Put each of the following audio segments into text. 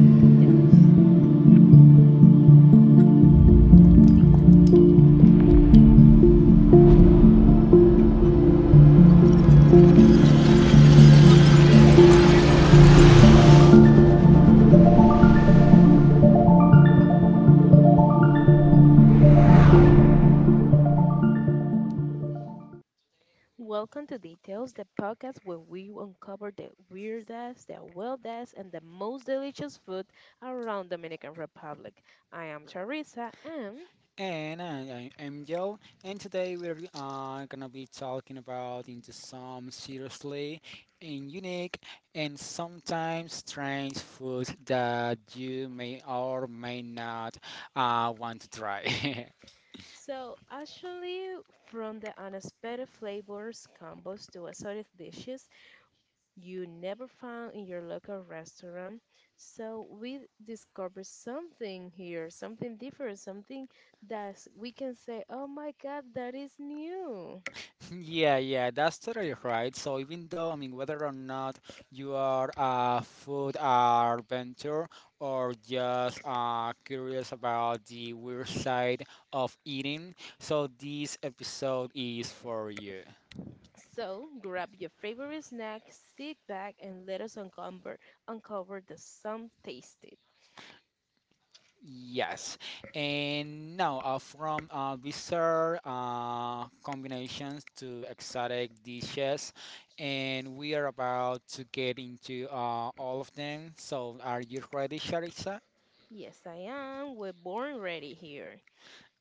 Details, details. Welcome to Details, the podcast where we uncover the weirdest, the wildest, and the most delicious food around Dominican Republic. I am Charissa, and And I am Joe, and today we're gonna be talking about into some seriously and unique and sometimes strange food that you may or may not want to try. so actually, from the unexpected flavors combos to exotic dishes, you never found in your local restaurant. So we discovered something here, something different, something that we can say, oh my God, that is new. Yeah, yeah, that's totally right. So even though, I mean, whether or not you are a food adventure or just curious about the weird side of eating, so this episode is for you. So grab your favorite snack, sit back, and let us uncover, uncover the some tasted. Yes, and now from bizarre combinations to exotic dishes, and we are about to get into all of them. So, are you ready, Sharissa? Yes, I am. We're born ready here.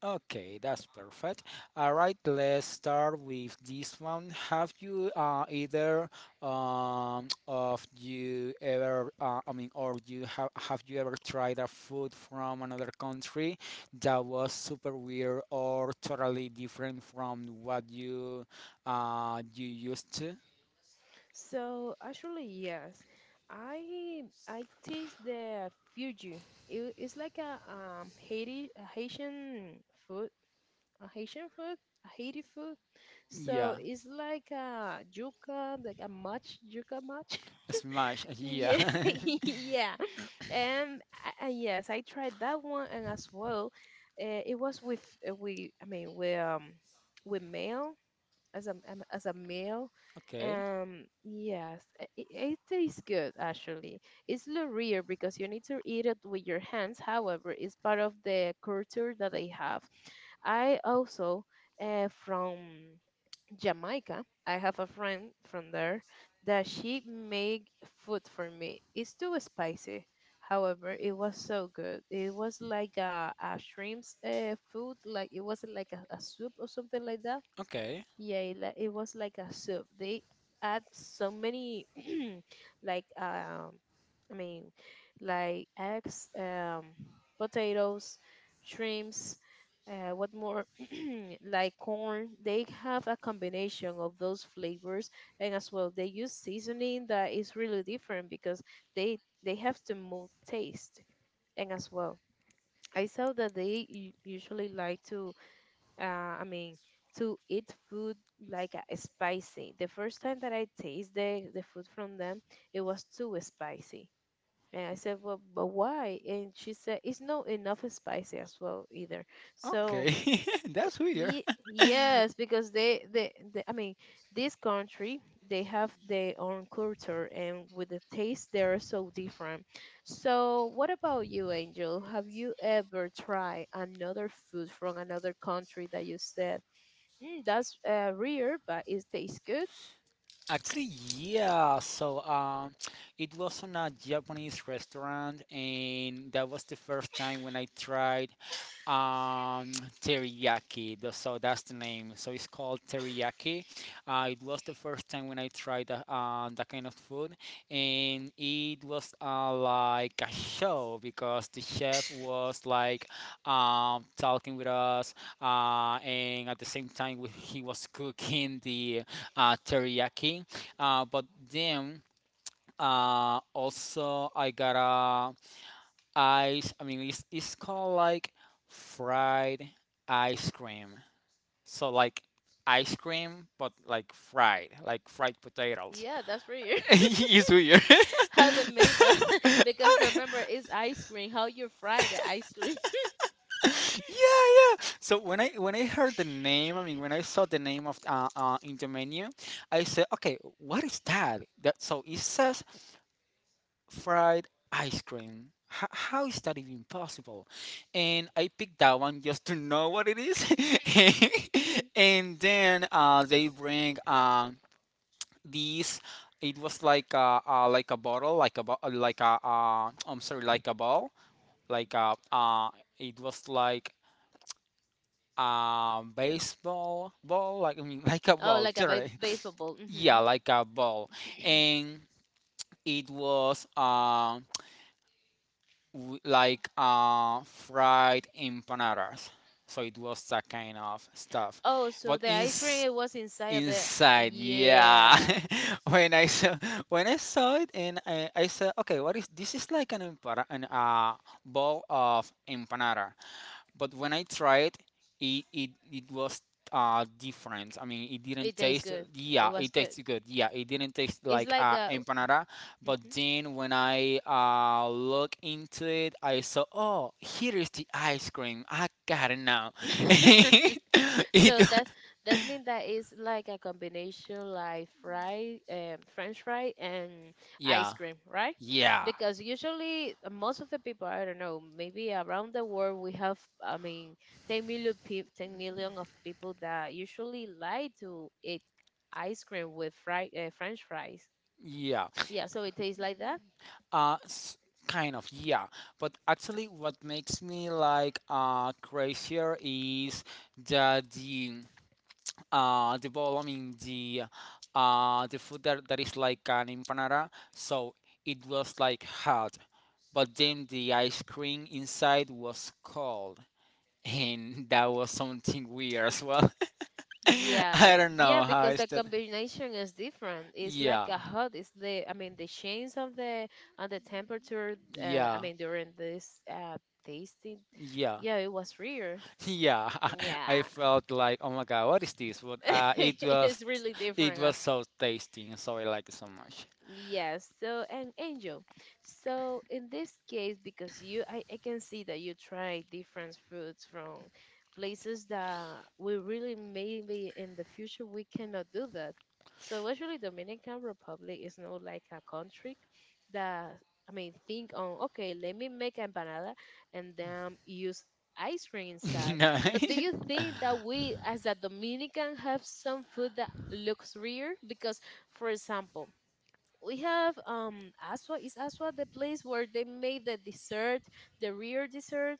Okay, that's perfect. All right, let's start with this one. Have you either of you ever, I mean, or you have you ever tried a food from another country that was super weird or totally different from what you you used to? So actually, yes, I taste the fugu. It's like a Haiti a Haitian food, a Haitian food, a Haiti food. So Yeah, it's like a yuca, like a much yuca much. smash. Yeah. Yeah, yeah. And yes, I tried that one, and as well, it was with we I mean with mail as a as a meal. Okay. Yes, it tastes good actually. It's a little rare because you need to eat it with your hands. However, it's part of the culture that they have. I also from Jamaica. I have a friend from there that she made food for me. It's too spicy. However, it was so good. It was like a shrimps food, like it wasn't like a soup or something like that. Okay. Yeah, it was like a soup. They add so many, like I mean, like eggs, potatoes, shrimps. What more? Like corn. They have a combination of those flavors, and as well, they use seasoning that is really different because they have to move taste, and as well. I saw that they usually like to uh, I mean, to eat food like spicy. The first time that I tasted the food from them, it was too spicy. And I said, well, but why? And she said, it's not enough spicy as well either. So, Okay. That's weird. Yes, because this country, they have their own culture and with the taste, they're so different. So, what about you, Angel? Have you ever tried another food from another country that you said? Mm, that's rare, but it tastes good. Actually, yeah. So, it was on a Japanese restaurant, and that was the first time when I tried teriyaki. So that's the name. So it's called teriyaki. It was the first time when I tried that kind of food, and it was like a show because the chef was like talking with us, and at the same time he was cooking the teriyaki. But then also I got a ice. I mean, it's called like fried ice cream. So like ice cream, but like fried potatoes. Yeah, that's weird. It's weird. How they made that? Because remember, it's ice cream. How you fry the ice cream? Yeah, yeah. So when I heard the name, I mean when I saw the name of in the menu, I said okay, what is that that so it says fried ice cream. How is that even possible? And I picked that one just to know what it is. And then they bring these, it was like like a bottle like a bo- like a I'm sorry like a ball, like a it was like baseball ball, like I mean like a Oh, ball like a literally. baseball ball. Yeah, Hmm. like a ball. And it was like fried empanadas, so it was that kind of stuff. Oh, so But the ice cream it was inside of the. inside, yeah. Yeah. When I saw, when I saw it and I, said okay, what is this, is like an empana an ball of empanada. But when I tried, it was different. I mean, it didn't It tastes taste. good. It Yeah, was it good. tasted good. Yeah, it didn't taste It's like like a. empanada. But Mhm. then when I look into it, I saw oh here is the ice cream. I got it now. It, So that that's mean that it's like a combination like fry, French fry and ice yeah, cream, right? yeah, Because usually most of the people I don't know, maybe around the world we have, I mean, 10 million peop 10 million of people that usually like to eat ice cream with french fries. yeah. Yeah, so it tastes like that. Uh, s- Kind of, yeah. But actually, what makes me like crazier is that the ball. I mean the food that, that is like an empanada. So it was like hot, but then the ice cream inside was cold, and that was something weird as well. I Yeah, don't yeah, know how because is the that. combination is different, it's like Yeah, a hot, it's the, I mean, the change of the on the temperature, uh, i yeah. mean during this tasting. Yeah. Yeah, it was real. Yeah, I Yeah. felt like, oh my god, what is this? What? It It's was, really it different was as so tasty, and so I like it so much. Yes, so and Angel. So in this case, because you I can see that you try different fruits from places that we really maybe in the future we cannot do that. So actually Dominican Republic is not like a country that, I mean, think on okay, let me make empanada and then use ice cream inside. No. But do you think that we as a Dominican have some food that looks rare? Because, for example, we have Aswa. Is Aswa the place where they made the dessert, the real dessert?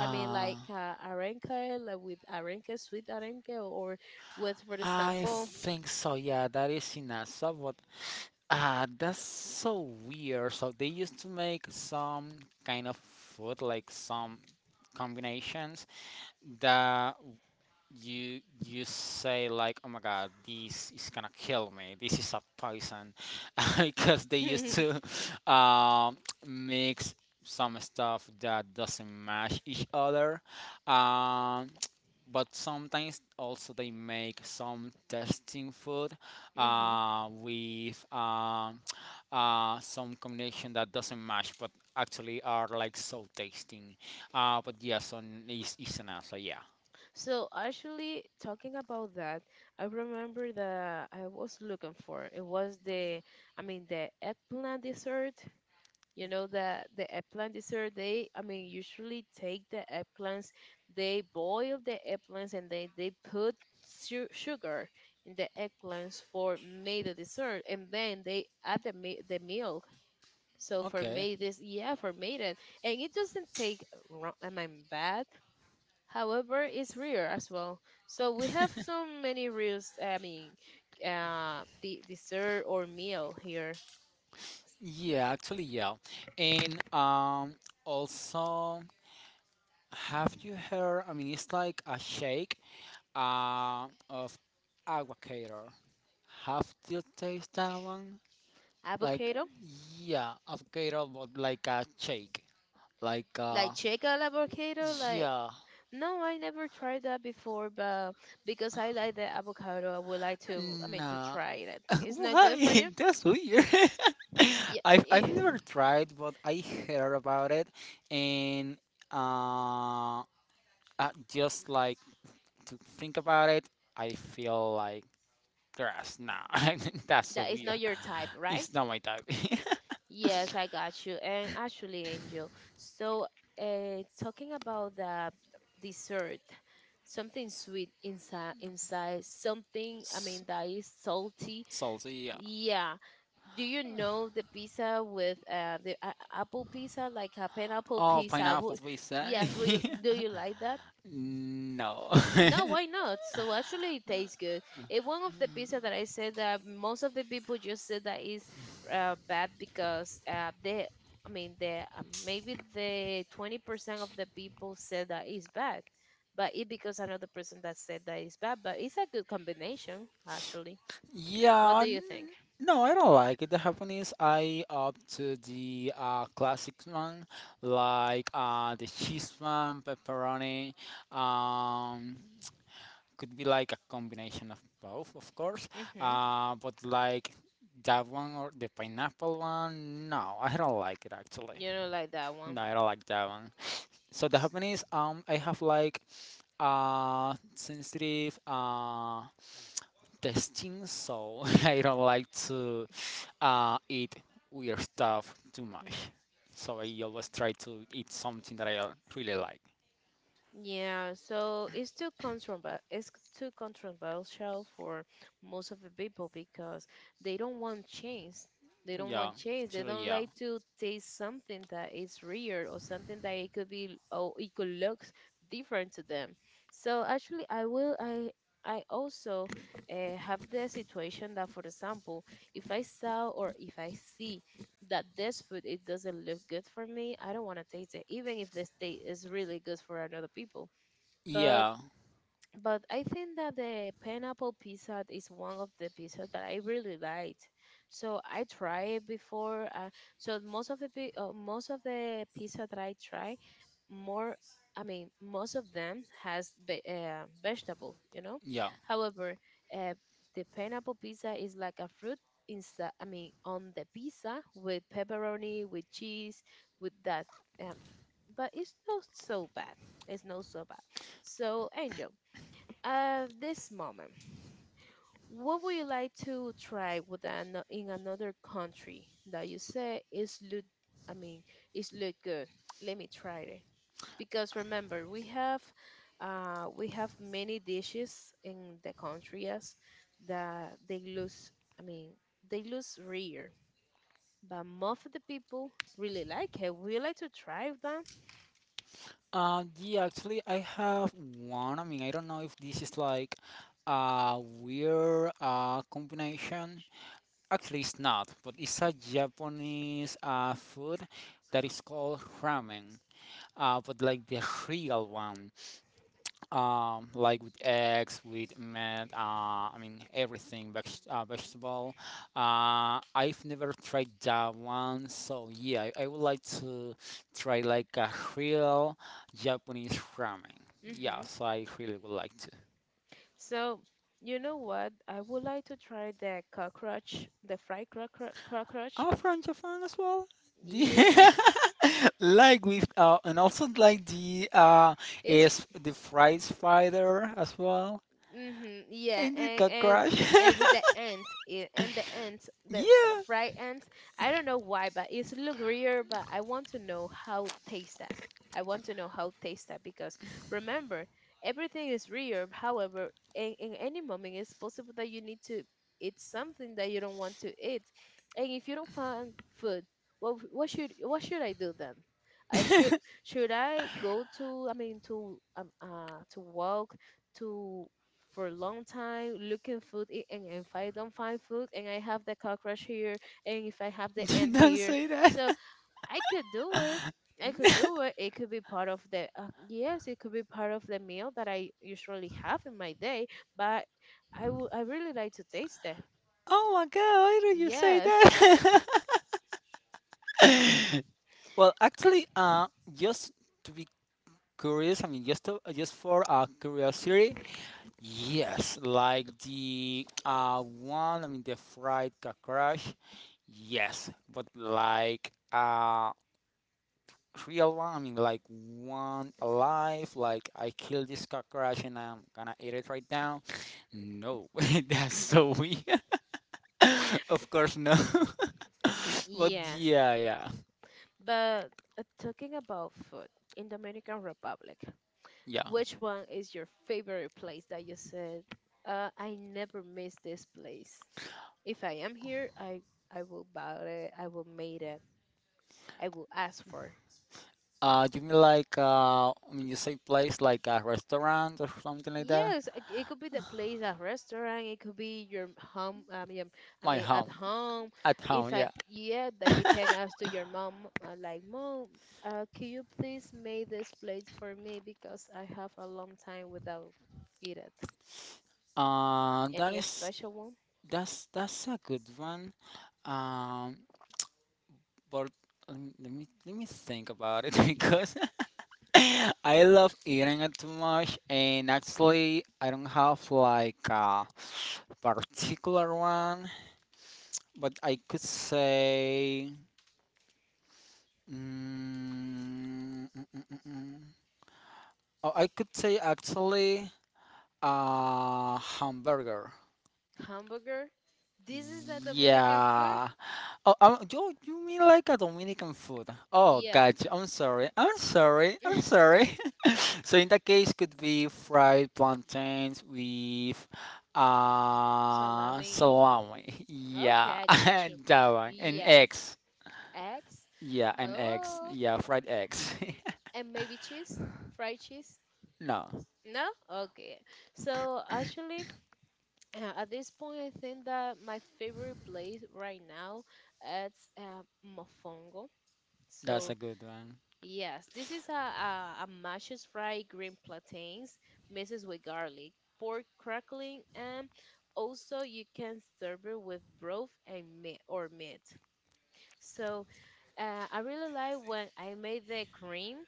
I mean, like arenque, like with arenque, sweet arenque, or with, for I example, think so. Yeah, that is in NASA, but ah, that's so weird. So they used to make some kind of food, like some combinations that you say like oh my god this is gonna kill me, this is a poison, because they used hmm. to um, mix some stuff that doesn't match each other, um, but sometimes also they make some testing food with some combination that doesn't match but actually are like so tasting. But yes, on is an answer, yeah. So actually, talking about that, I remember that I was looking for it was the eggplant dessert. You know that the eggplant dessert, usually take the eggplants, they boil the eggplants, and they put sugar in the eggplants for made the dessert, and then they add the the milk. So for Okay. made this, yeah, for made it, and it doesn't take wrong. I mean, bad. However, it's rare as well. So we have so many reels. The dessert or meal here. Yeah, actually, yeah. And also, have you heard? I mean, it's like a shake of avocado. Have you tasted that one? Like, Avocado yeah, avocado, but like a shake. Like like chicken avocado, like yeah, no, I never tried that before, but because I like the avocado, I would like to, I mean, to nah. try it. It's not good for Why? you? That's weird. Yes, I've I- never tried, but I heard about it, and uh, uh just like to think about it, I feel like grass. Nah, that's so that is weird. not your type, right? It's not my type. Yes, I got you. And actually, Angel, so talking about the dessert, something sweet inside, inside, something, I S- mean, that is salty. Salty, yeah. Yeah, do you know the pizza with apple pizza, like a pineapple Oh, pizza? pineapple Wo- pizza. yes, will you, do you like that? No. No, why not? So actually, it tastes good. It one of the pizza that I said that most of the people just said that is bad because they, I mean, the maybe the 20% of the people said that is bad, but it because another person that said that is bad. But it's a good combination, actually. What Yeah. do you think? No, I don't like it. The Japanese, I opt to the classic one, like the cheese one, pepperoni. Um, could be like a combination of both, of course. Mm-hmm. But like that one or the pineapple one, no, I don't like it actually. You know, like that one. No, I don't like that one. So the S- happening is, I have like sensitive testing, so I don't like to eat weird stuff too much. So I always try to eat something that I really like. yeah, so it's too controversial. It's too controversial for most of the people because they don't want change. They don't Yeah, want change. They actually, don't yeah. like to taste something that is real or something that it could be or it could look different to them. So actually, I will. I also have the situation that, for example, if I saw or if I see that this food, it doesn't look good for me, I don't want to taste it even if this taste is really good for another people. but Yeah, but I think that the pineapple pizza is one of the pizza that I really liked. So I tried it before. So most of the most of the pizza that I try, more I mean most of them has vegetable. You know, yeah. however, uh, the pineapple pizza is like a fruit inside. I mean on the pizza with pepperoni, with cheese, with that. Um, but it's not so bad. It's not so bad. So Angel. At this moment, what would you like to try with an, in another country that you say is look, I mean, is look good? Let me try it. Because remember, we have many dishes in the country as that they lose. I mean, they lose rare, but most of the people really like it. Would you like to try them? Yeah, actually, I have one. I mean, I don't know if this is like a weird combination. Actually, it's not, but it's a Japanese food that is called ramen, but like the real one. Like with eggs, with meat, I mean everything, vegetable. I've never tried that one, so yeah, I would like to try like a real Japanese ramen. Mm-hmm. Yes, I really would like to. So, you know what? I would like to try the cockroach, the fried cockroach. I'm from Japan as well. Yeah, Like with and also like the it's is the fried spider as well. Mm-hmm. Yeah, And you got crush. and with the ant, yeah, and the ant, the Yeah. fried ant. I don't know why, but it's look weird. But I want to know how taste that. I want to know how taste that because remember, everything is real. However, in any moment, it's possible that you need to eat something that you don't want to eat, and if you don't find food, what should I do then? I should I go to, I mean, to walk to for a long time looking food. And if I don't find food and I have the cockroach here and if I have the You ant don't here, say that. so I could do it, it could be part of the, yes, it could be part of the meal that I usually have in my day. But I would, I really like to taste it. Oh my god, why do you say Yes, that? Well, actually, just to be curious, I mean, just to, just for curiosity, yes, like the one, I mean, the fried cockroach, yes, but like real alarming, like one alive, like I killed this cockroach and I'm gonna eat it right now. No, that's so weird. Of course, no. But yes, yeah, yeah, but talking about food in Dominican Republic, yeah. which one is your favorite place that you said, I never miss this place. If I am here, I will buy it. I will make it. I will ask for. You mean like I mean you say place like a restaurant or something like that? Yes, it could be the place, a restaurant. It could be your home. I mean, I My mean at home, home. at home, If I yeah. yeah, that you can ask to your mom, like mom, can you please make this plate for me because I have a long time without eat it. Uh, that Any is special one? that's a good one. Um, But let me think about it because I love eating it too much, and actually I don't have like a particular one, but I could say. Mm, mm, mm, mm, mm. Oh, I could say actually hamburger. Hamburger? This is a Dominican food? Yeah. Oh, you you mean like a Dominican food? Oh, Yeah. gotcha. I'm sorry. I'm sorry. I'm sorry. So in that case, could be fried plantains with Salami. salami. Okay, Yeah, I got you. that one. And Yes. eggs. Eggs? Yeah, and eggs. Oh. Yeah, fried eggs. And maybe cheese? Fried cheese? No, No? Okay. So actually, at this point, I think that my favorite place right now is Mofongo. that's a So good one. yes, this is a mashes fried green plantains mixes with garlic, pork crackling, and also you can serve it with broth and meat or meat. So I really like when I made the cream.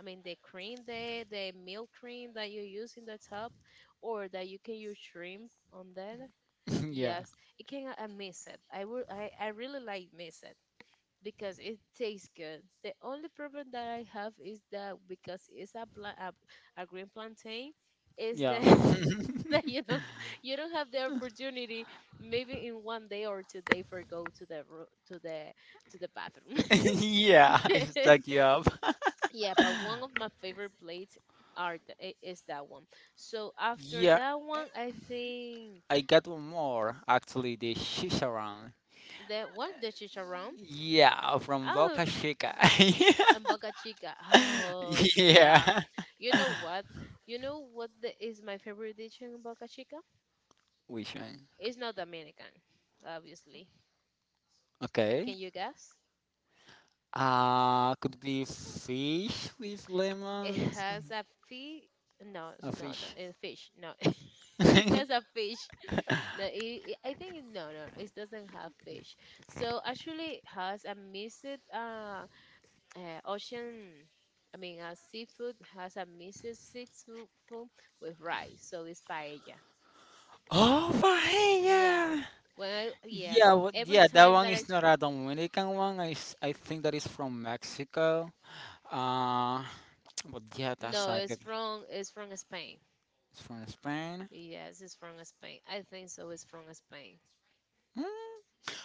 I mean the milk cream that you use in the top, or that you can use shrimp on that. Yeah, Yes, it can mix it. I would. I really like mix it because it tastes good. The only problem that I have is that because it's a green plantain, is yeah. that that you don't have the opportunity maybe in 1 day or 2 day for go to to the bathroom. Yeah, it stuck you up. Yeah, but one of my favorite plates are is that one. So after Yeah, that one, I think I got one more. Actually, the shisha, that one, the chicharrón. yeah, from I Boca Chica. And Boca Chica. Oh, Yeah. yeah. You know what? You know what is my favorite dish in Boca Chica? Which one? It's not Dominican, obviously. Okay. Can you guess? Could be fish with It lemons. has a fish. No, it's A no, no, fish. a fish. No, it has a fish. No, it, I think no, no, no, it doesn't have fish. So actually, it has a mixed uh, ocean. I mean, seafood, has a mixed seafood with rice. So it's paella. Oh, Yeah. paella. Well, yes. Yeah, Well, what, every yeah, that time one that is not a Dominican one. I think that is from Mexico. Uh, but yeah, that's no, a good. It's from Spain. It's from Spain. Yes, it's from Spain. I think so. It's from Spain. Mm,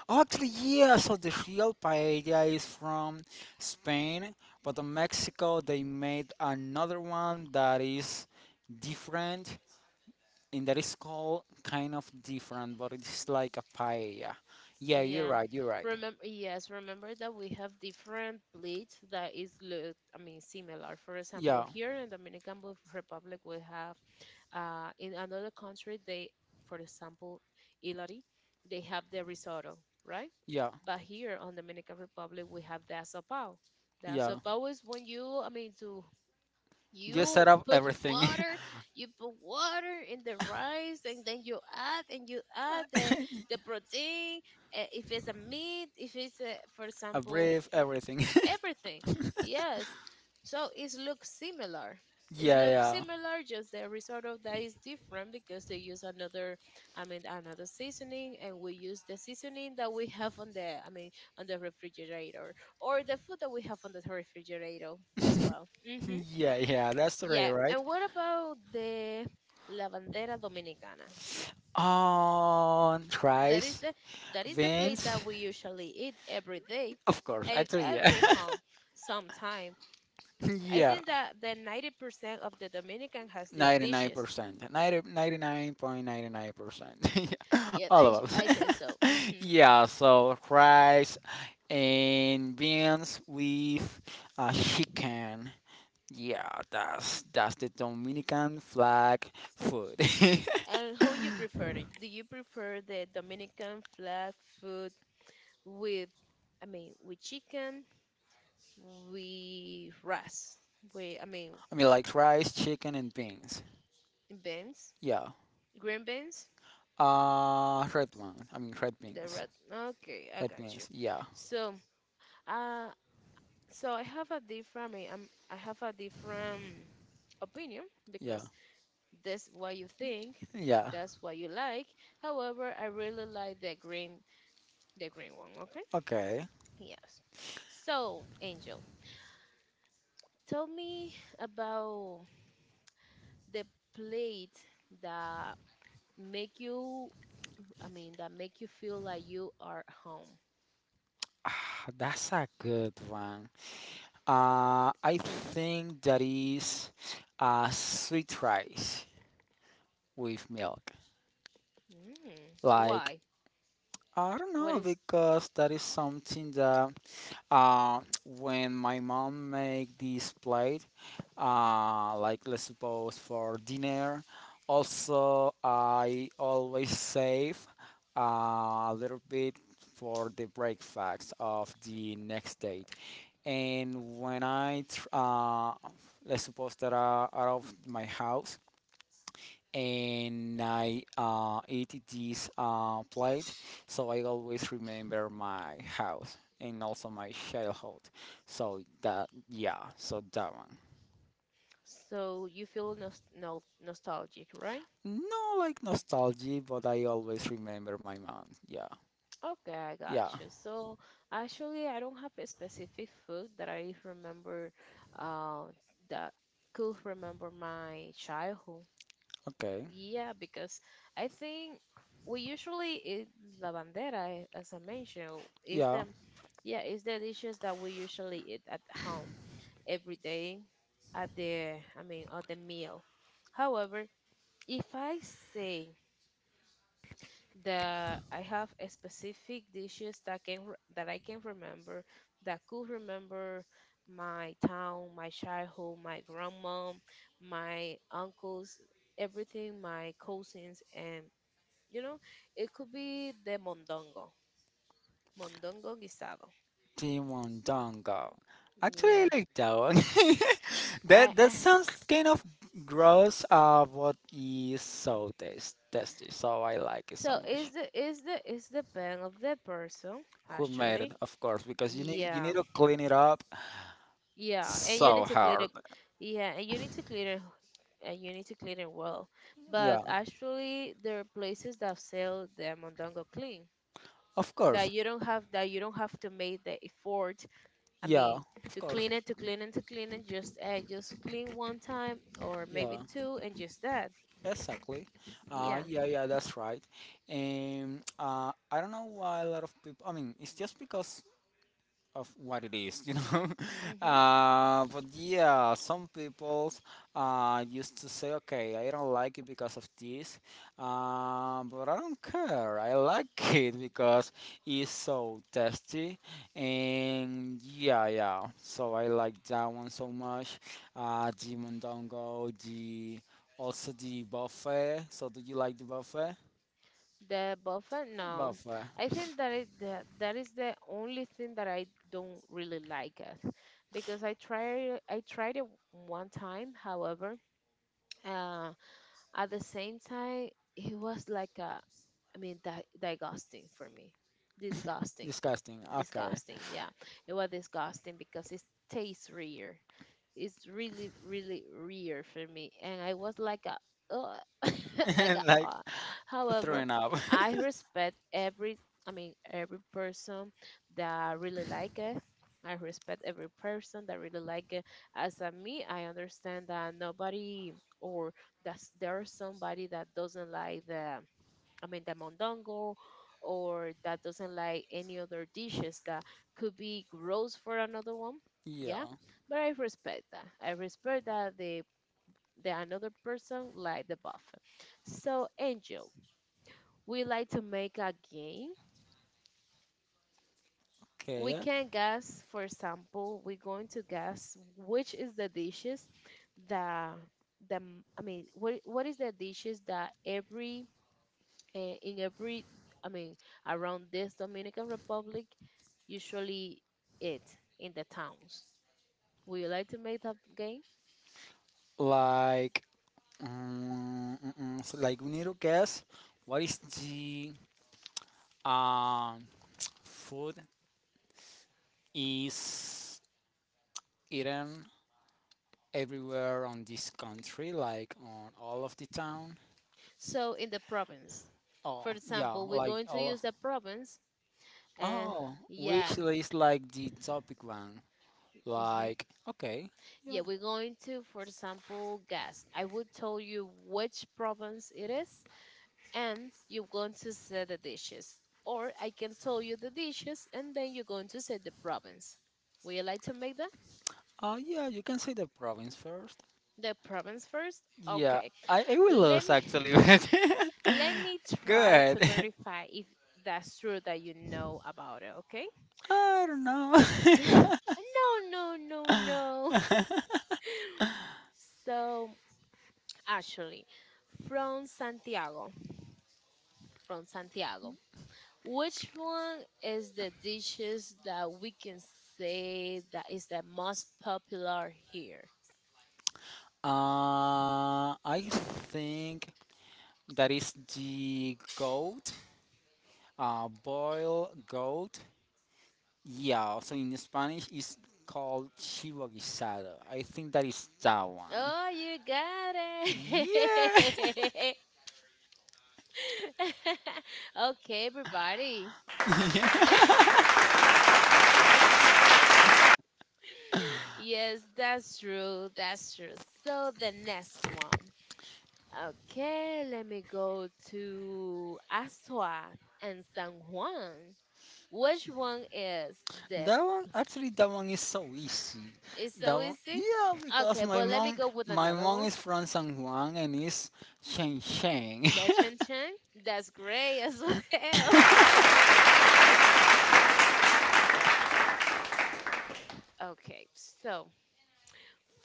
actually, yeah, so the real paella is from Spain, but in Mexico they made another one that is different and that is called kind of different, but it's like a paella. Yeah, you're Yeah. right, you're right. Remember, yes, remember that we have different bleach that is look, I mean, similar. For example, Yeah, here in Republic, we have. In another country, they, for example, Ilari, they have the risotto, right? yeah, But here on Dominican Republic, we have the asopao. The yeah. asopao is when you, I mean, to Just you set up put everything. water, you put water in the rice, and then you add the protein, if it's a meat, if it's a, for I example, breathe everything. everything, yes, so it looks similar, it Yeah, looks yeah. similar, just the result of that is different because they use another, I mean, another seasoning, and we use the seasoning that we have on the, I mean, on the refrigerator, or the food that we have on the refrigerator as well. Hmm. Yeah, yeah, that's the rate, Yeah, right? and what about the La Bandera Dominicana? On That is rice, the that is the place that beans. we usually eat every day Of course, and actually, yeah. every home sometime. I Yeah, think that the 90% of the Dominican has these dishes. 99%. Ninety ninety nine point ninety nine Mm, percent yeah, All I, of us. I think so. Hmm. Yeah, so rice and beans with chicken. Yeah, that's the Dominican flag food. And how you prefer it? Do you prefer the Dominican flag food with, I mean, with chicken, with rice, with, I mean, I mean, like rice, chicken, and beans. beans? Yeah. Green beans? Red one. I mean, red The beans. red. Okay, I Red got you. beans. Yeah, So, uh, so I have a different, I have a different opinion yeah, because that's what you think, yeah. that's what you like. However, I really like the green one. Okay. Okay. Yes. So, Angel, tell me about the plate that make you, I mean, that make you feel like you are at home. Ah, that's a good one. I think that is sweet rice with milk. Mm. Like, Why? I don't What know, is because that is something that when my mom make this plate, like let's suppose for dinner, also I always save a little bit for the breakfast of the next day. And when let's suppose that I out of my house and I eat this plate, so I always remember my house and also my childhood. So that yeah, so that one. so you feel nost no nostalgic, right? No, like nostalgia, but I always remember my mom. Yeah, Okay, I got yeah. you. So actually, I don't have a specific food that I remember, uh, that could remember my childhood. Okay. Yeah, because I think we usually eat la bandera, eh, as I mentioned, is Yeah. the yeah, is the dishes that we usually eat at home every day at the, I mean, at the meal. However, if I say the I have a specific dishes that that I can remember, that could remember my town, my childhood, my grandma, my uncles, everything, my cousins, and you know, it could be the mondongo, mondongo guisado. Demon Dongo. Actually, I Yeah, like that one. I, That that I sounds kind of gross. What is so taste, tasty? So I like it so so is much. the is the band of the person Who made it? actually? Of course, because you need Yeah. to clean it up Yeah, and you so need to clean hard. it. Yeah, and you need to clean it, and you need to clean it well. But Yeah, actually, there are places that sell the mondongo clean, of course. that you don't have that you don't have to make the effort. I Yeah, mean, of to course. clean it, to clean it, to clean it. Just just clean one time or Yeah, maybe two, and just that. exactly. Yeah. Yeah, yeah, that's right. And I don't know why a lot of people. I mean, it's just because of what it is, you know. Mm-hmm. But yeah, some people used to say, okay, I don't like it because of this, but I don't care. I like it because it's so tasty, and yeah, yeah. So I like that one so much. The mondongo, the also the buffet. So do you like the buffet? The buffet? No. Buffet. I think that that is the only thing that I don't really like it because I tried it one time, however, uh, at the same time it was like a, I mean, disgusting for me. Disgusting. Disgusting. Okay. Disgusting, yeah. It was disgusting because it tastes rare. It's really, really rare for me. And I was like a, "Ugh," like Like however, throwing up. I respect every, I mean, every person that really like it, I respect every person that really like it. As a me, I understand that nobody, or that's, there's somebody that doesn't like the, I mean, the mondongo, or that doesn't like any other dishes that could be gross for another one. Yeah, Yeah. but I respect that, I respect that they, the another person, like the buff. So Angel, we like to make a game. We Okay. can guess, for example, we're going to guess which is the dishes that I mean, what is the dishes that every, eh, in every, I mean, around this Dominican Republic usually eat in the towns. Would you like to make that game? Like, so like we need to guess what is the um food is eaten everywhere on this country, like on all of the town. So in the province, Oh for yeah, example, we're like going to all. use the province and. Oh, Yeah. which is like the topic one. Hmm. Like, okay. Yeah, we're going to, for example, guess. I will tell you which province it is, and you're going to say the dishes. Or I can tell you the dishes, and then you're going to say the province. Would you like to make that? Yeah, you can say the province first. The province first? Yeah, Okay. I will Let lose me actually. But let me try to good. verify if that's true that you know about it, okay? I don't know. no, no, no, no. So, actually, from Santiago, from Santiago, which one is the dishes that we can say that is the most popular here? I think that is the goat. Boil goat. Yeah, so in Spanish it's called chivo guisado. I think that is that one. Oh, you got Yeah. it. okay, everybody. Yeah. Yes, that's true. That's true. So the next one. Okay, let me go to Asua and San Juan. Which one is the That one actually that one is so easy. is That so one easy? yeah, because Okay, but let me go with my another mom one. is from San Juan and is Sheng Sheng. The Chen Chen. That's great as well. Okay, so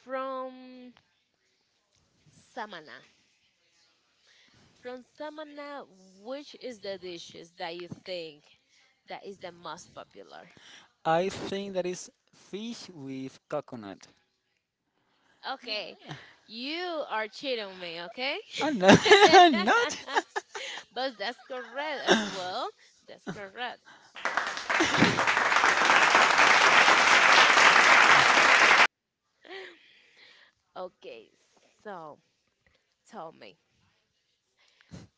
from Samana. From Samana, which is the dishes that you think that is the most popular? I think that is fish with coconut. Okay, you are cheating me, okay? I'm not. I'm not. But that's correct as well. That's correct. okay, so tell me.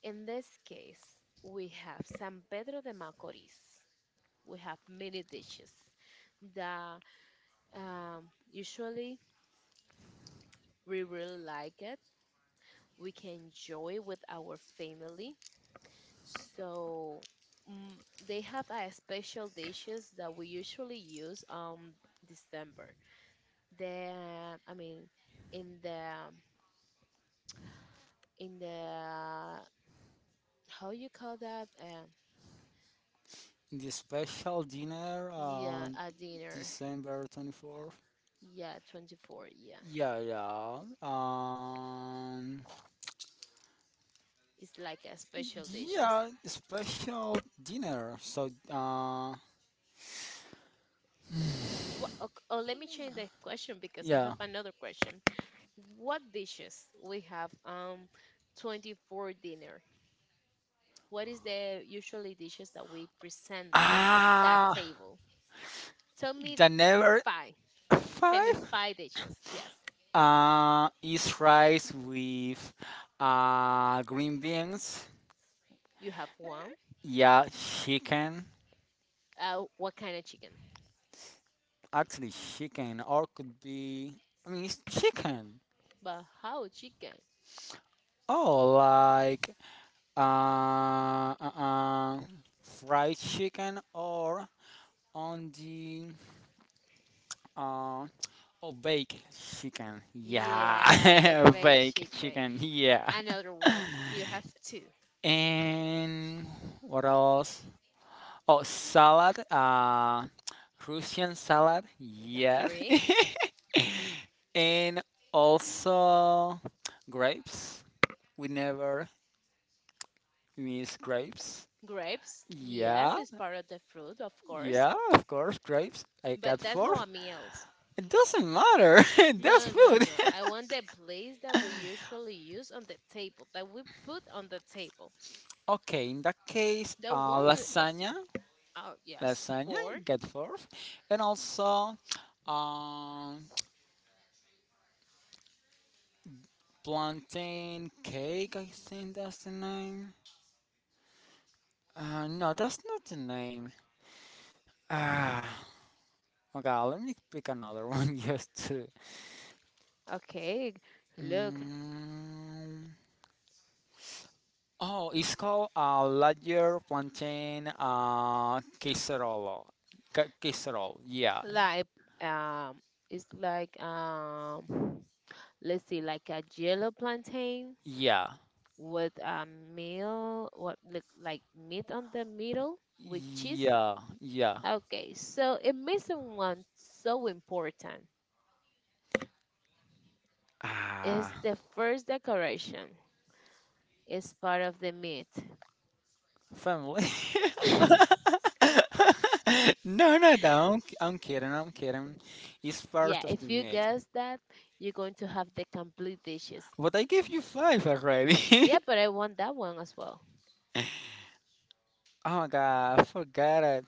In this case, we have San Pedro de Macorís. We have many dishes that, usually we really like it. We can enjoy with our family. So, mm, they have a special dishes that we usually use on December. The, I mean, in the, in the, how you call that? The special dinner Yeah, on a dinner. December 24th. Yeah, 24. Yeah, Yeah, yeah. It's like a Dish. special dishes. Yeah, special dinner. So, Oh, Oh, oh, let me change the question because I yeah. have another question. What dishes we have, um, 24 dinner? What is the usually dishes that we present in that Ah, table? Tell me the number five. there Tell five, me are five five. dishes. Yes. Yeah. Is rice with green beans. You have one. Yeah, chicken. What kind of chicken? Actually, chicken or could be. I mean, it's chicken. But how chicken? Oh, like uh, uh, uh, fried chicken or on the uh, oh baked chicken. Yeah, the Yeah, baked baked chicken. chicken. Yeah. Another one. You have two. And what else? Oh, salad. Russian salad. No, Yeah. three. And also grapes. We never miss grapes. Grapes. Yes, Yeah, it's part of the fruit, of course. yeah, of course, grapes. I But got that's four. not a meal. It doesn't matter. That's No, no, food. no. I want the place that we usually use on the table, that we put on the table. Okay, in that case, The one, lasagna, oh yes, lasagna, four. get forth, and also um, plantain cake. I think that's the name. No, that's not the name. Ah, okay, let me pick another one just to. Okay, look, Mm, oh, it's called Lager Plantain Casserole. Casserole, yeah. like, um, it's like, let's see, like a jello plantain Yeah. with a meal, what look like meat on the middle with cheese. Yeah, yeah. Okay, so a missing one, so important, Ah, is the first decoration. It's part of the meat. family. No, no, no. I'm kidding. I'm kidding. It's part Yeah, of the if you myth. guess that, you're going to have the complete dishes. But I gave you five already. Yeah, but I want that one as well. Oh my god, I forgot it.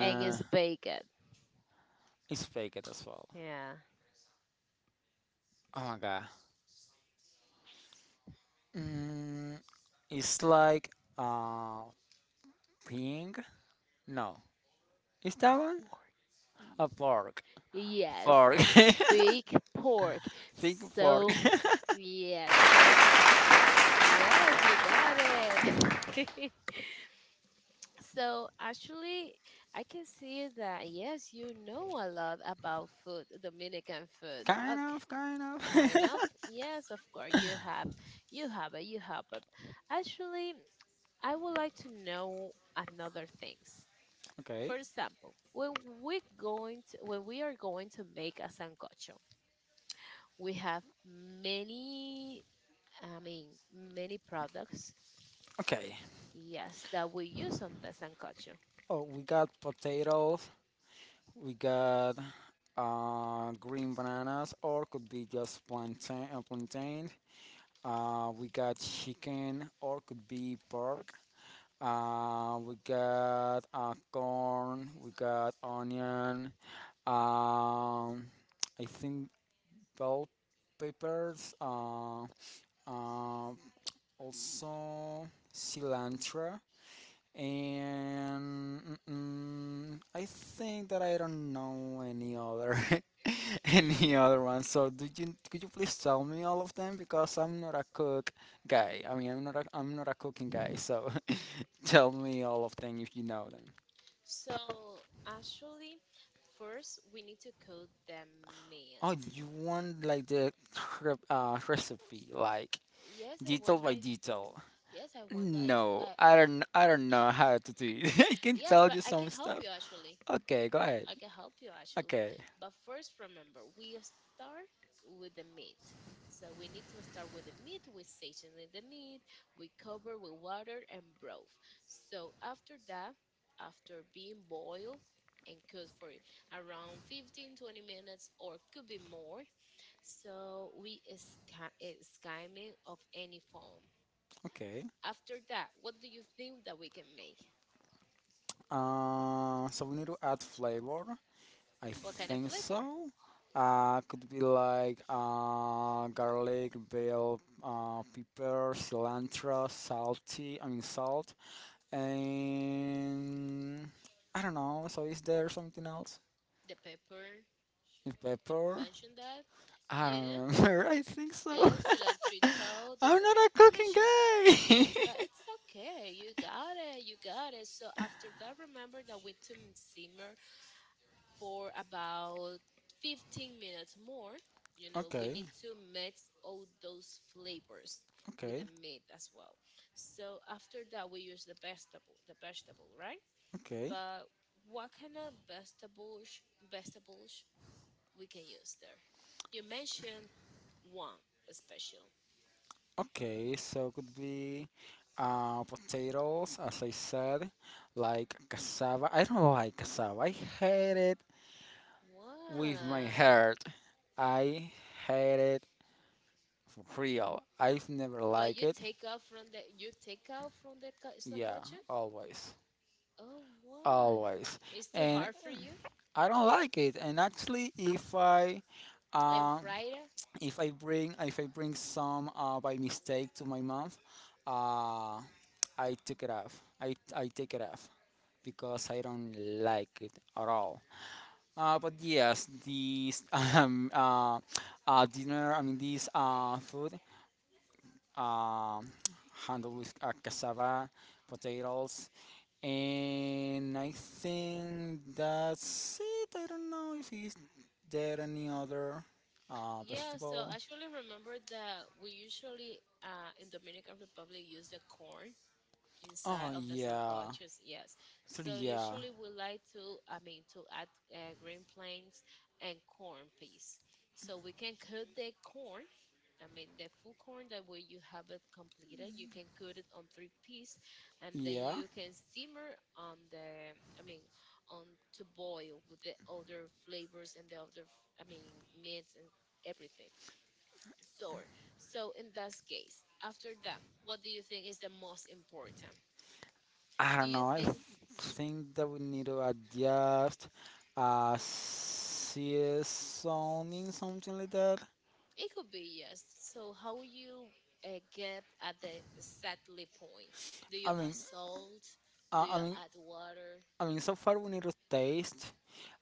And it's bacon. it's fake it as well. Yeah. Oh my god. Mm, it's like uh pink. No, is that one Pork. a fork? Yes, Fork. big pork. Pink fork. So, yes, so, yes, you got it. So actually, I can see that yes, you know a lot about food, Dominican food. Kind Okay, of, kind of. kind of. Yes, of course you have it, you have it. Actually, I would like to know another things. Okay. For example, when when we are going to make a sancocho, we have many, I mean, many products. Okay. Yes, that we use on the sancocho. Oh, we got potatoes. We got green bananas, or could be just plantain. Plantain. We got chicken, or could be pork. We got corn. We got onion. Um, I think bell peppers. Uh, Also cilantro. And I think that I don't know any other any other one. So do you could you please tell me all of them because I'm not a cook guy. I mean, I'm not a cooking guy. So tell me all of them if you know them. So actually, first we need to coat the Oh, meat. you want like the recipe like Yes, I detail want by that. detail. Yes, I want that. I, No, I, I don't know how to do it. I can Yes, tell but you I some can help stuff. you actually. Okay, go ahead. I can help you actually. Okay. But first, remember, we start with the meat. So we need to start with the meat. We season the meat. We cover with water and broth. So after that, after being boiled and cooked for around 15, 20 minutes or could be more, so we skim, skimming of any foam, Okay. after that, what do you think that we can make? So we need to add flavor. I What kind of think flavor? so. Could be like garlic, bell, pepper, cilantro, salty. I mean salt, and I don't know. So is there something else? The pepper. Is You pepper? mentioned that. I Yeah. don't remember. I think so. Yeah, cilantrito. This I'm not a you cooking mentioned, guy. but it's okay. You got it. You got it. So after that, remember that we to simmer for about 15 minutes more. You know, we Okay. need to mix all those flavors with the Okay. meat as well. So after that, we use the vegetable, right? Okay. But what kind of vegetables, vegetables we can use there? You mentioned one special. Okay, so could be potatoes, as I said, like cassava. I don't like cassava. I hate it with my Wow. heart. I hate it for real. I've never But liked you it. take out from the you take out from the ca- Yeah, sancocho? always. Oh, what? Always. It's too And hard for you? I don't like it. And actually, And um, Friday? if I bring some by mistake to my mom, uh, I took it off. I take it off because I don't like it at all. But yes, these dinner. I mean, this food um, handled with cassava, potatoes, and I think that's it. I don't know if is there any other uh, Yeah, so vegetable. I actually remember that we usually in Dominican Republic use the corn inside Oh of the yeah, sancochos. Yes, actually so yeah, usually we like to, I mean, to add green plains and corn peas. So we can cook the corn, I mean, the full corn, that way you have it completed. You can cut it on three piece, and then yeah, you can simmer on the, I mean, on to boil with the other flavors and the other, I mean, meats and everything. So, so in that case, after that, what do you think is the most important? I Do don't you know. I think? think that we need to adjust a CS something like that. It could be yes. So how you get at the exactly point? Do you I mean, add salt? uh, Do you I mean, add water? I mean, so far we need to taste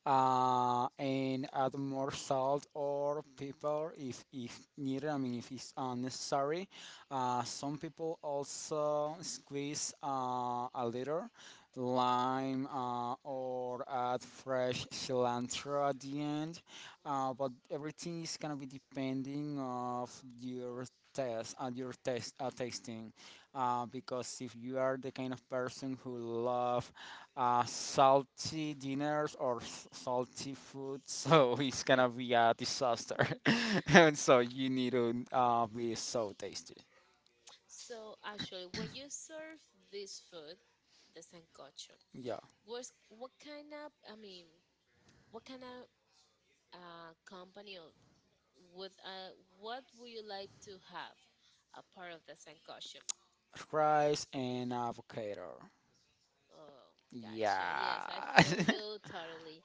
and add more salt or pepper if needed. I mean, if it's necessary. Some people also squeeze a little lime or add fresh cilantro at the end. But everything is gonna be depending of your test at your test tasting because if you are the kind of person who love salty dinners or salty food so it's gonna be a disaster and so you need to be so tasty. So actually, when you serve this food, the sancocho, Yeah, what kind of I mean, what kind of company of, with what would you like to have a part of the Sankocho? rice and avocado. Oh, gotcha. Yes, I Yeah. feel you totally.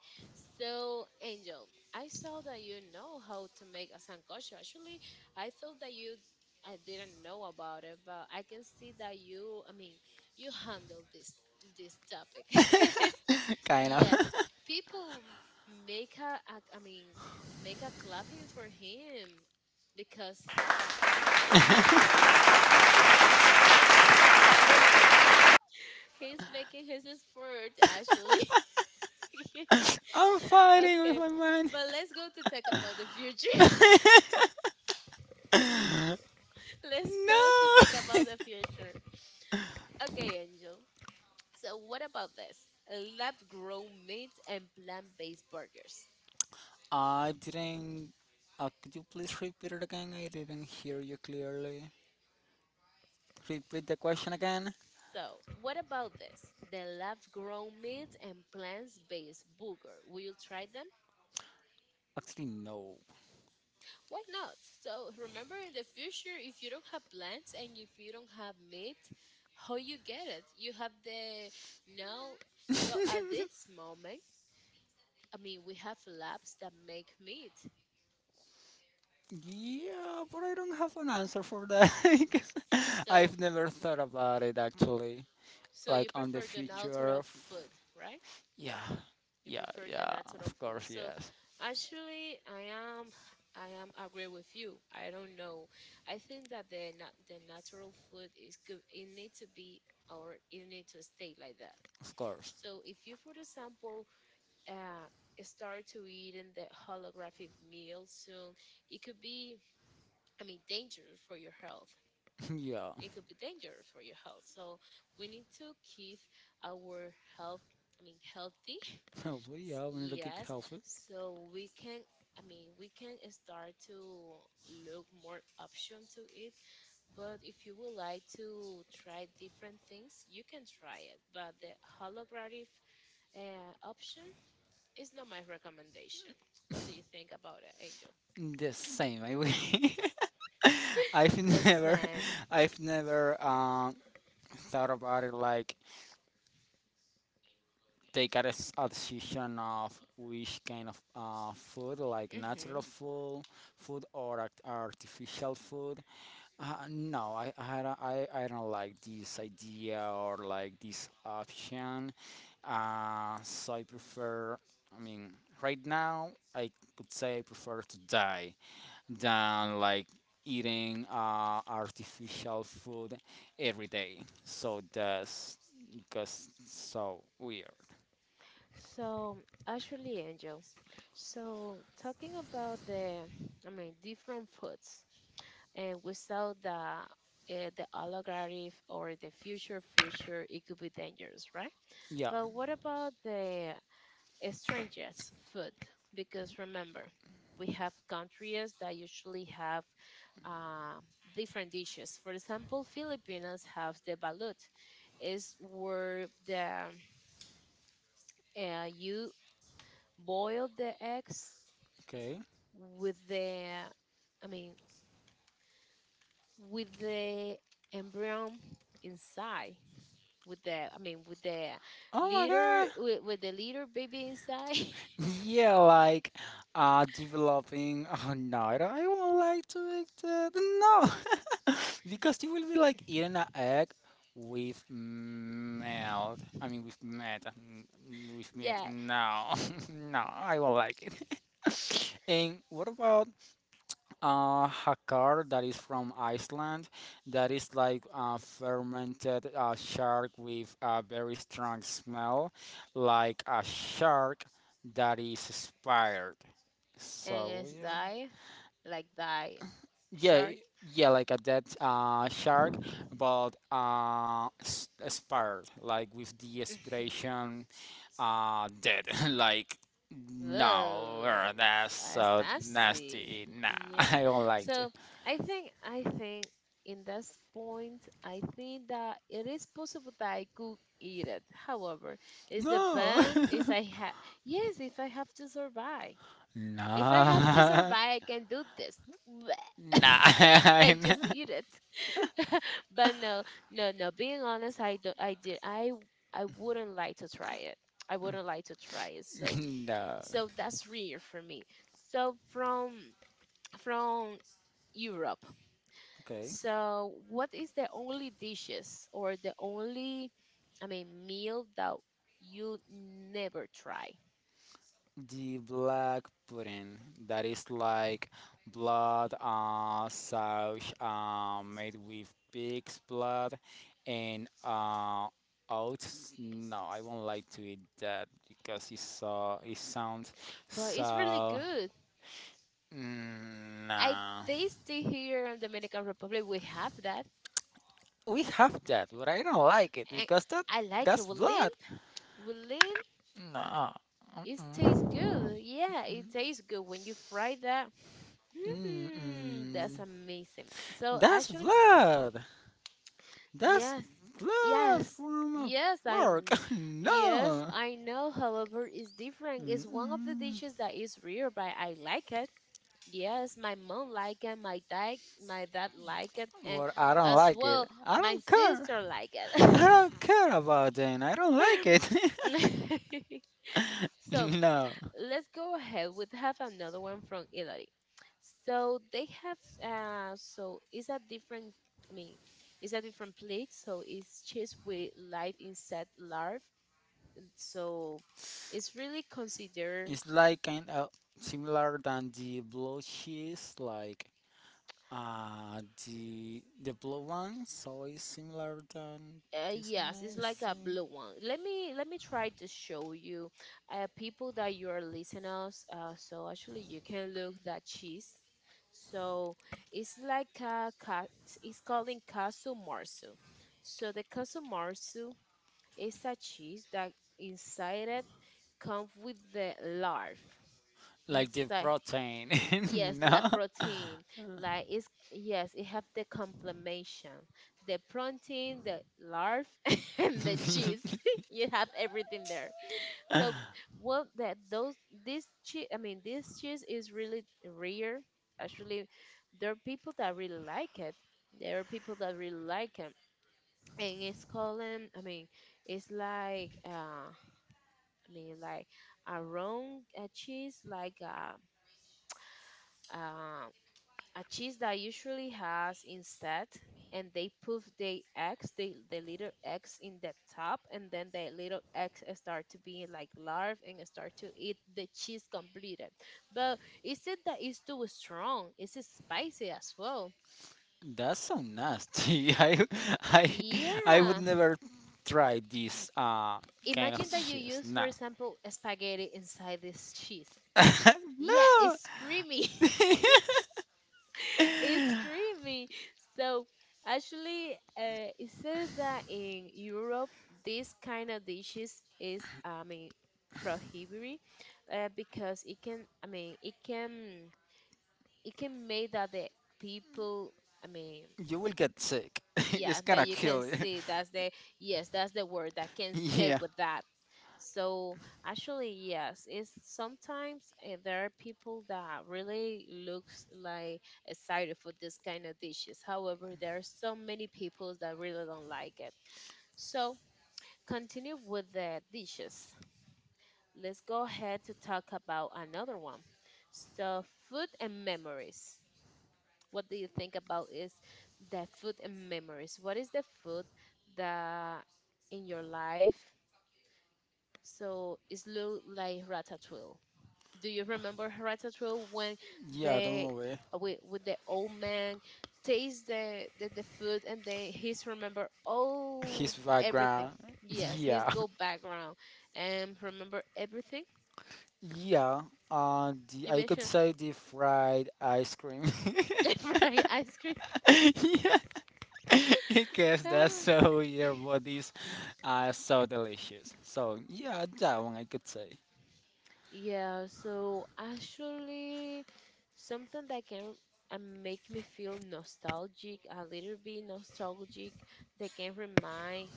So, Angel, I saw that you know how to make a sancocho. Actually, I thought that you I didn't know about it, but I can see that you, I mean, you handle this topic. Kind of. Yes, people make I mean, make a clapping for him because he's making his effort, actually. I'm fighting with Okay, my mind. but let's go to talk about the future. Let's go to talk about No. the future. Okay, Angel. So, what about this? Lab grown meat and plant based burgers. I didn't. Could you please repeat it again? I didn't hear you clearly. Repeat the question again. So, what about this? The lab grown meat and plants based burger. Will you try them? Actually, no. Why not? So remember in the future, if you don't have plants and if you don't have meat, how you get it? You have the no. So at this moment, I mean, we have labs that make meat. Yeah, but I don't have an answer for that. 'Cause So I've never thought about it actually. so you Like on the prefer the future natural of. food, right? Yeah, You yeah, prefer the yeah. natural Of food. course, So yes. actually I am agree with you. I don't know. I think that the natural food is good. It need to be or it need to stay like that. Of course. So if you, for example, uh, start to eat in the holographic meal soon, it could be, I mean, dangerous for your health. Yeah, It could be dangerous for your health. So we need to keep our health, I mean, healthy. healthy. Yeah, we need to keep Yes, healthy. so we can, I mean, we can start to look more option to it, but if you would like to try different things, you can try it. But the holographic option is not my recommendation. What do you think about it, Angel? The same. I've The never. same. I've never thought about it like a decision of which kind of food, like Hmm. natural food or artificial food. No, I don't like this idea or like this option. So I prefer. I mean, right now I could say I prefer to die than like eating artificial food every day. So that's just so weird. So, actually, Angel, so talking about the, I mean, different foods, and without the the oligarchy or the future, it could be dangerous, right? Yeah. But what about the strangest food? Because remember, we have countries that usually have uh, different dishes. For example, Filipinos have the balut, is where the you boil the eggs Okay. with the I mean with the embryo inside with the I mean with the Oh my little god. with, with the little baby inside. Yeah, like developing. Oh no, I won't like to eat that. No. Because you will be like eating an egg with milk. I mean with meat. Yeah. No. No, I won't like it. And what about a car that is from Iceland that is like fermented shark with a very strong smell, like a shark that is expired? And So, it's yeah. die like die Yeah, shark. yeah, like a dead shark, but expired, like with the expiration dead. Like no Whoa, that's that's so nasty. nasty. Nah. Yeah. I don't like it. So I think in this point, I think that it is possible that I could eat it. However, is the No. bank if I have yes, if I have to survive. If I have to Nah. survive, I can do this. Nah. I I'm- just eat it. But no, no, no. Being honest, I do, I did I wouldn't like to try it. I wouldn't like to try it. So no. so that's rare for me so from Europe Okay, so what is the only dishes or the only I mean meal that you never try the black pudding that is like blood sauce made with pig's blood and oats. No, I won't like to eat that because it sounds but it's really so good. I nah. taste it here in Dominican Republic. We have that, We have that but I don't like it and because I like it that's with lean. blood. Nah. It tastes Mm-mm. good, yeah, it Mm-mm. tastes good when you fry that. When you fry that. That's Hmm, mm-mm. that's amazing. So That's actually, blood. That's, yes, yes, blood, yes, yes, from a yes, I, pork. kn- Yes, yes, no. I know. However, it's different. It's one of the dishes Mm-mm. that is rare, but I like it. Yes, my mom like it, my dad like it, and But I don't as like it. well, I my my don't care. sister like I it. don't care about it. I don't like it. So No. let's go ahead with have another one from Italy. So they have so it's a different I mean it's a different plate, so it's cheese with live insect larvae. So it's really considered. Like kind of similar than the blue cheese, like the blue one. So it's similar than this Yes, it's one. I like a think. blue one. Let me try to show you, people that you are listeners. So actually, you can look that cheese. So it's like a ca- it's called in casu marzu. So the casu marzu is a cheese that inside it comes with the larve Like the inside. protein. Yes, like No? protein, like it's yes, it have the complementation, the protein, the larve, and the cheese. You have everything there. So what that those this cheese, I mean this cheese is really rare. Actually, there are people that really like it. There are people that really like it, and it's called. I mean, it's like like a round cheese, like um a cheese that usually has instead and they put the eggs the little eggs in the top and then the little eggs start to be like larvae and start to eat the cheese completed but is it that it's too strong is it spicy as well? That's so nasty. I I would Yeah, never try this kind of imagine that you cheese. use No. for example spaghetti inside this cheese. Yeah, No. it's creamy. It's creamy. So actually, it said that in Europe, this kind of dishes is, I mean, prohibited because it can, I mean, it can make that the people, I mean, You will get sick. It's yeah, that gonna you can kill you. see. That's the yes, that's the word that can say Yeah. with that. So actually, yes, it's sometimes there are people that really looks like excited for this kind of dishes. However, there are so many people that really don't like it. So continue with the dishes. Let's go ahead to talk about another one. So food and memories. What do you think about is the food and memories? What is the food that in your life? So it's look like Ratatouille. Do you remember Ratatouille when Yeah, don't the worry. with the old man tastes the the food and then he's remember all His everything. background. Yes, he's Yeah, go background and remember everything yeah. The you I could mentioned. say the fried ice cream. The fried ice cream. Yeah, because that's Ah. so your bodies are so delicious. So yeah, that one I could say. Yeah, so actually, something that can make me feel nostalgic, a little bit nostalgic, that can remind,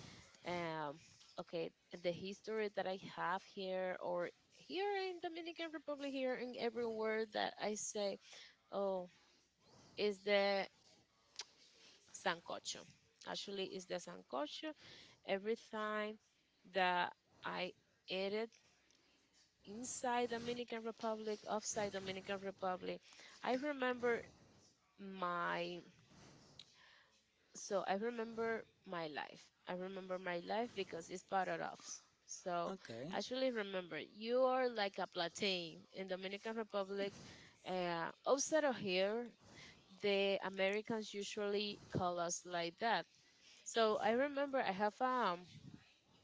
um, okay, the history that I have here or here in Dominican Republic, here in every word that I say, oh, is the sancocho. Actually, is the sancocho every time that I eat it inside Dominican Republic, outside Dominican Republic. I remember my so I remember my life. I remember my life because it's part of us. So Okay. actually remember you are like a plantain in Dominican Republic. Outside of here, the Americans usually call us like that. So I remember I have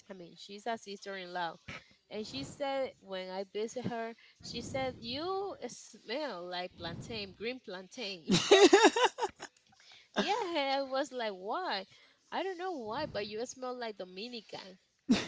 I mean she's a sister in law and she said when I visit her, she said, "You smell like plantain, green plantain." Yeah, I was like, "Why?" I don't know why, but you smell like Dominican.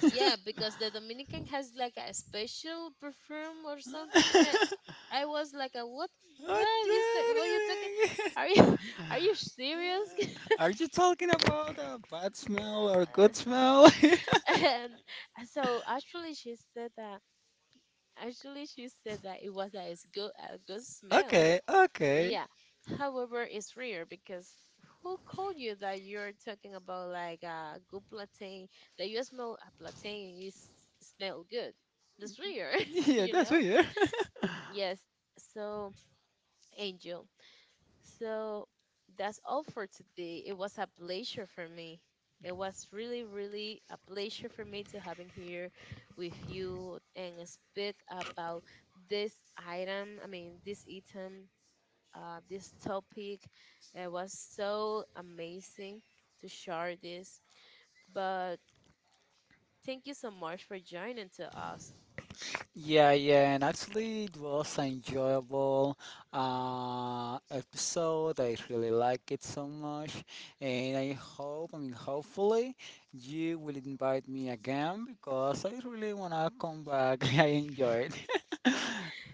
Yeah, because the Dominican has like a special perfume or something. I was like, a, what? What? What you say? What you talking? Are you are you serious? Are you talking about a bad smell or good smell? And so actually she said that actually she said that it was a good a good smell. Okay, okay. Yeah, however it's rare because who called you that you're talking about like a good plantain that you smell a plantain and you smell good. That's rare. Yeah. Yeah, You that's know? weird. Yes, so Angel, so that's all for today. It was a pleasure for me. It was really, really a pleasure for me to having here with you and speak about this item. I mean, this item, this topic. It was so amazing to share this. But thank you so much for joining to us. Yeah, yeah, and actually it was an enjoyable episode. I really like it so much, and I mean, hopefully, you will invite me again because I really wanna come back. I enjoyed.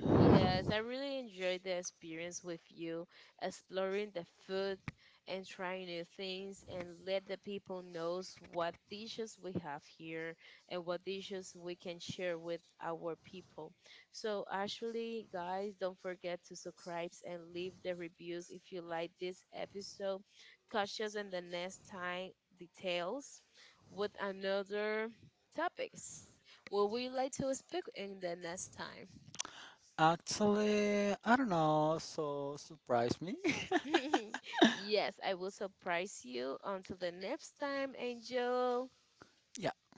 Yes, I really enjoyed the experience with you, exploring the food and trying new things and let the people knows what dishes we have here and what dishes we can share with our people. So actually, guys, don't forget to subscribe and leave the reviews if you like this episode. Catch us in the next time details with another topics. What would you like to speak in the next time? Actually, I don't know, so surprise me. Yes, I will surprise you. Until the next time, Angel. Yeah.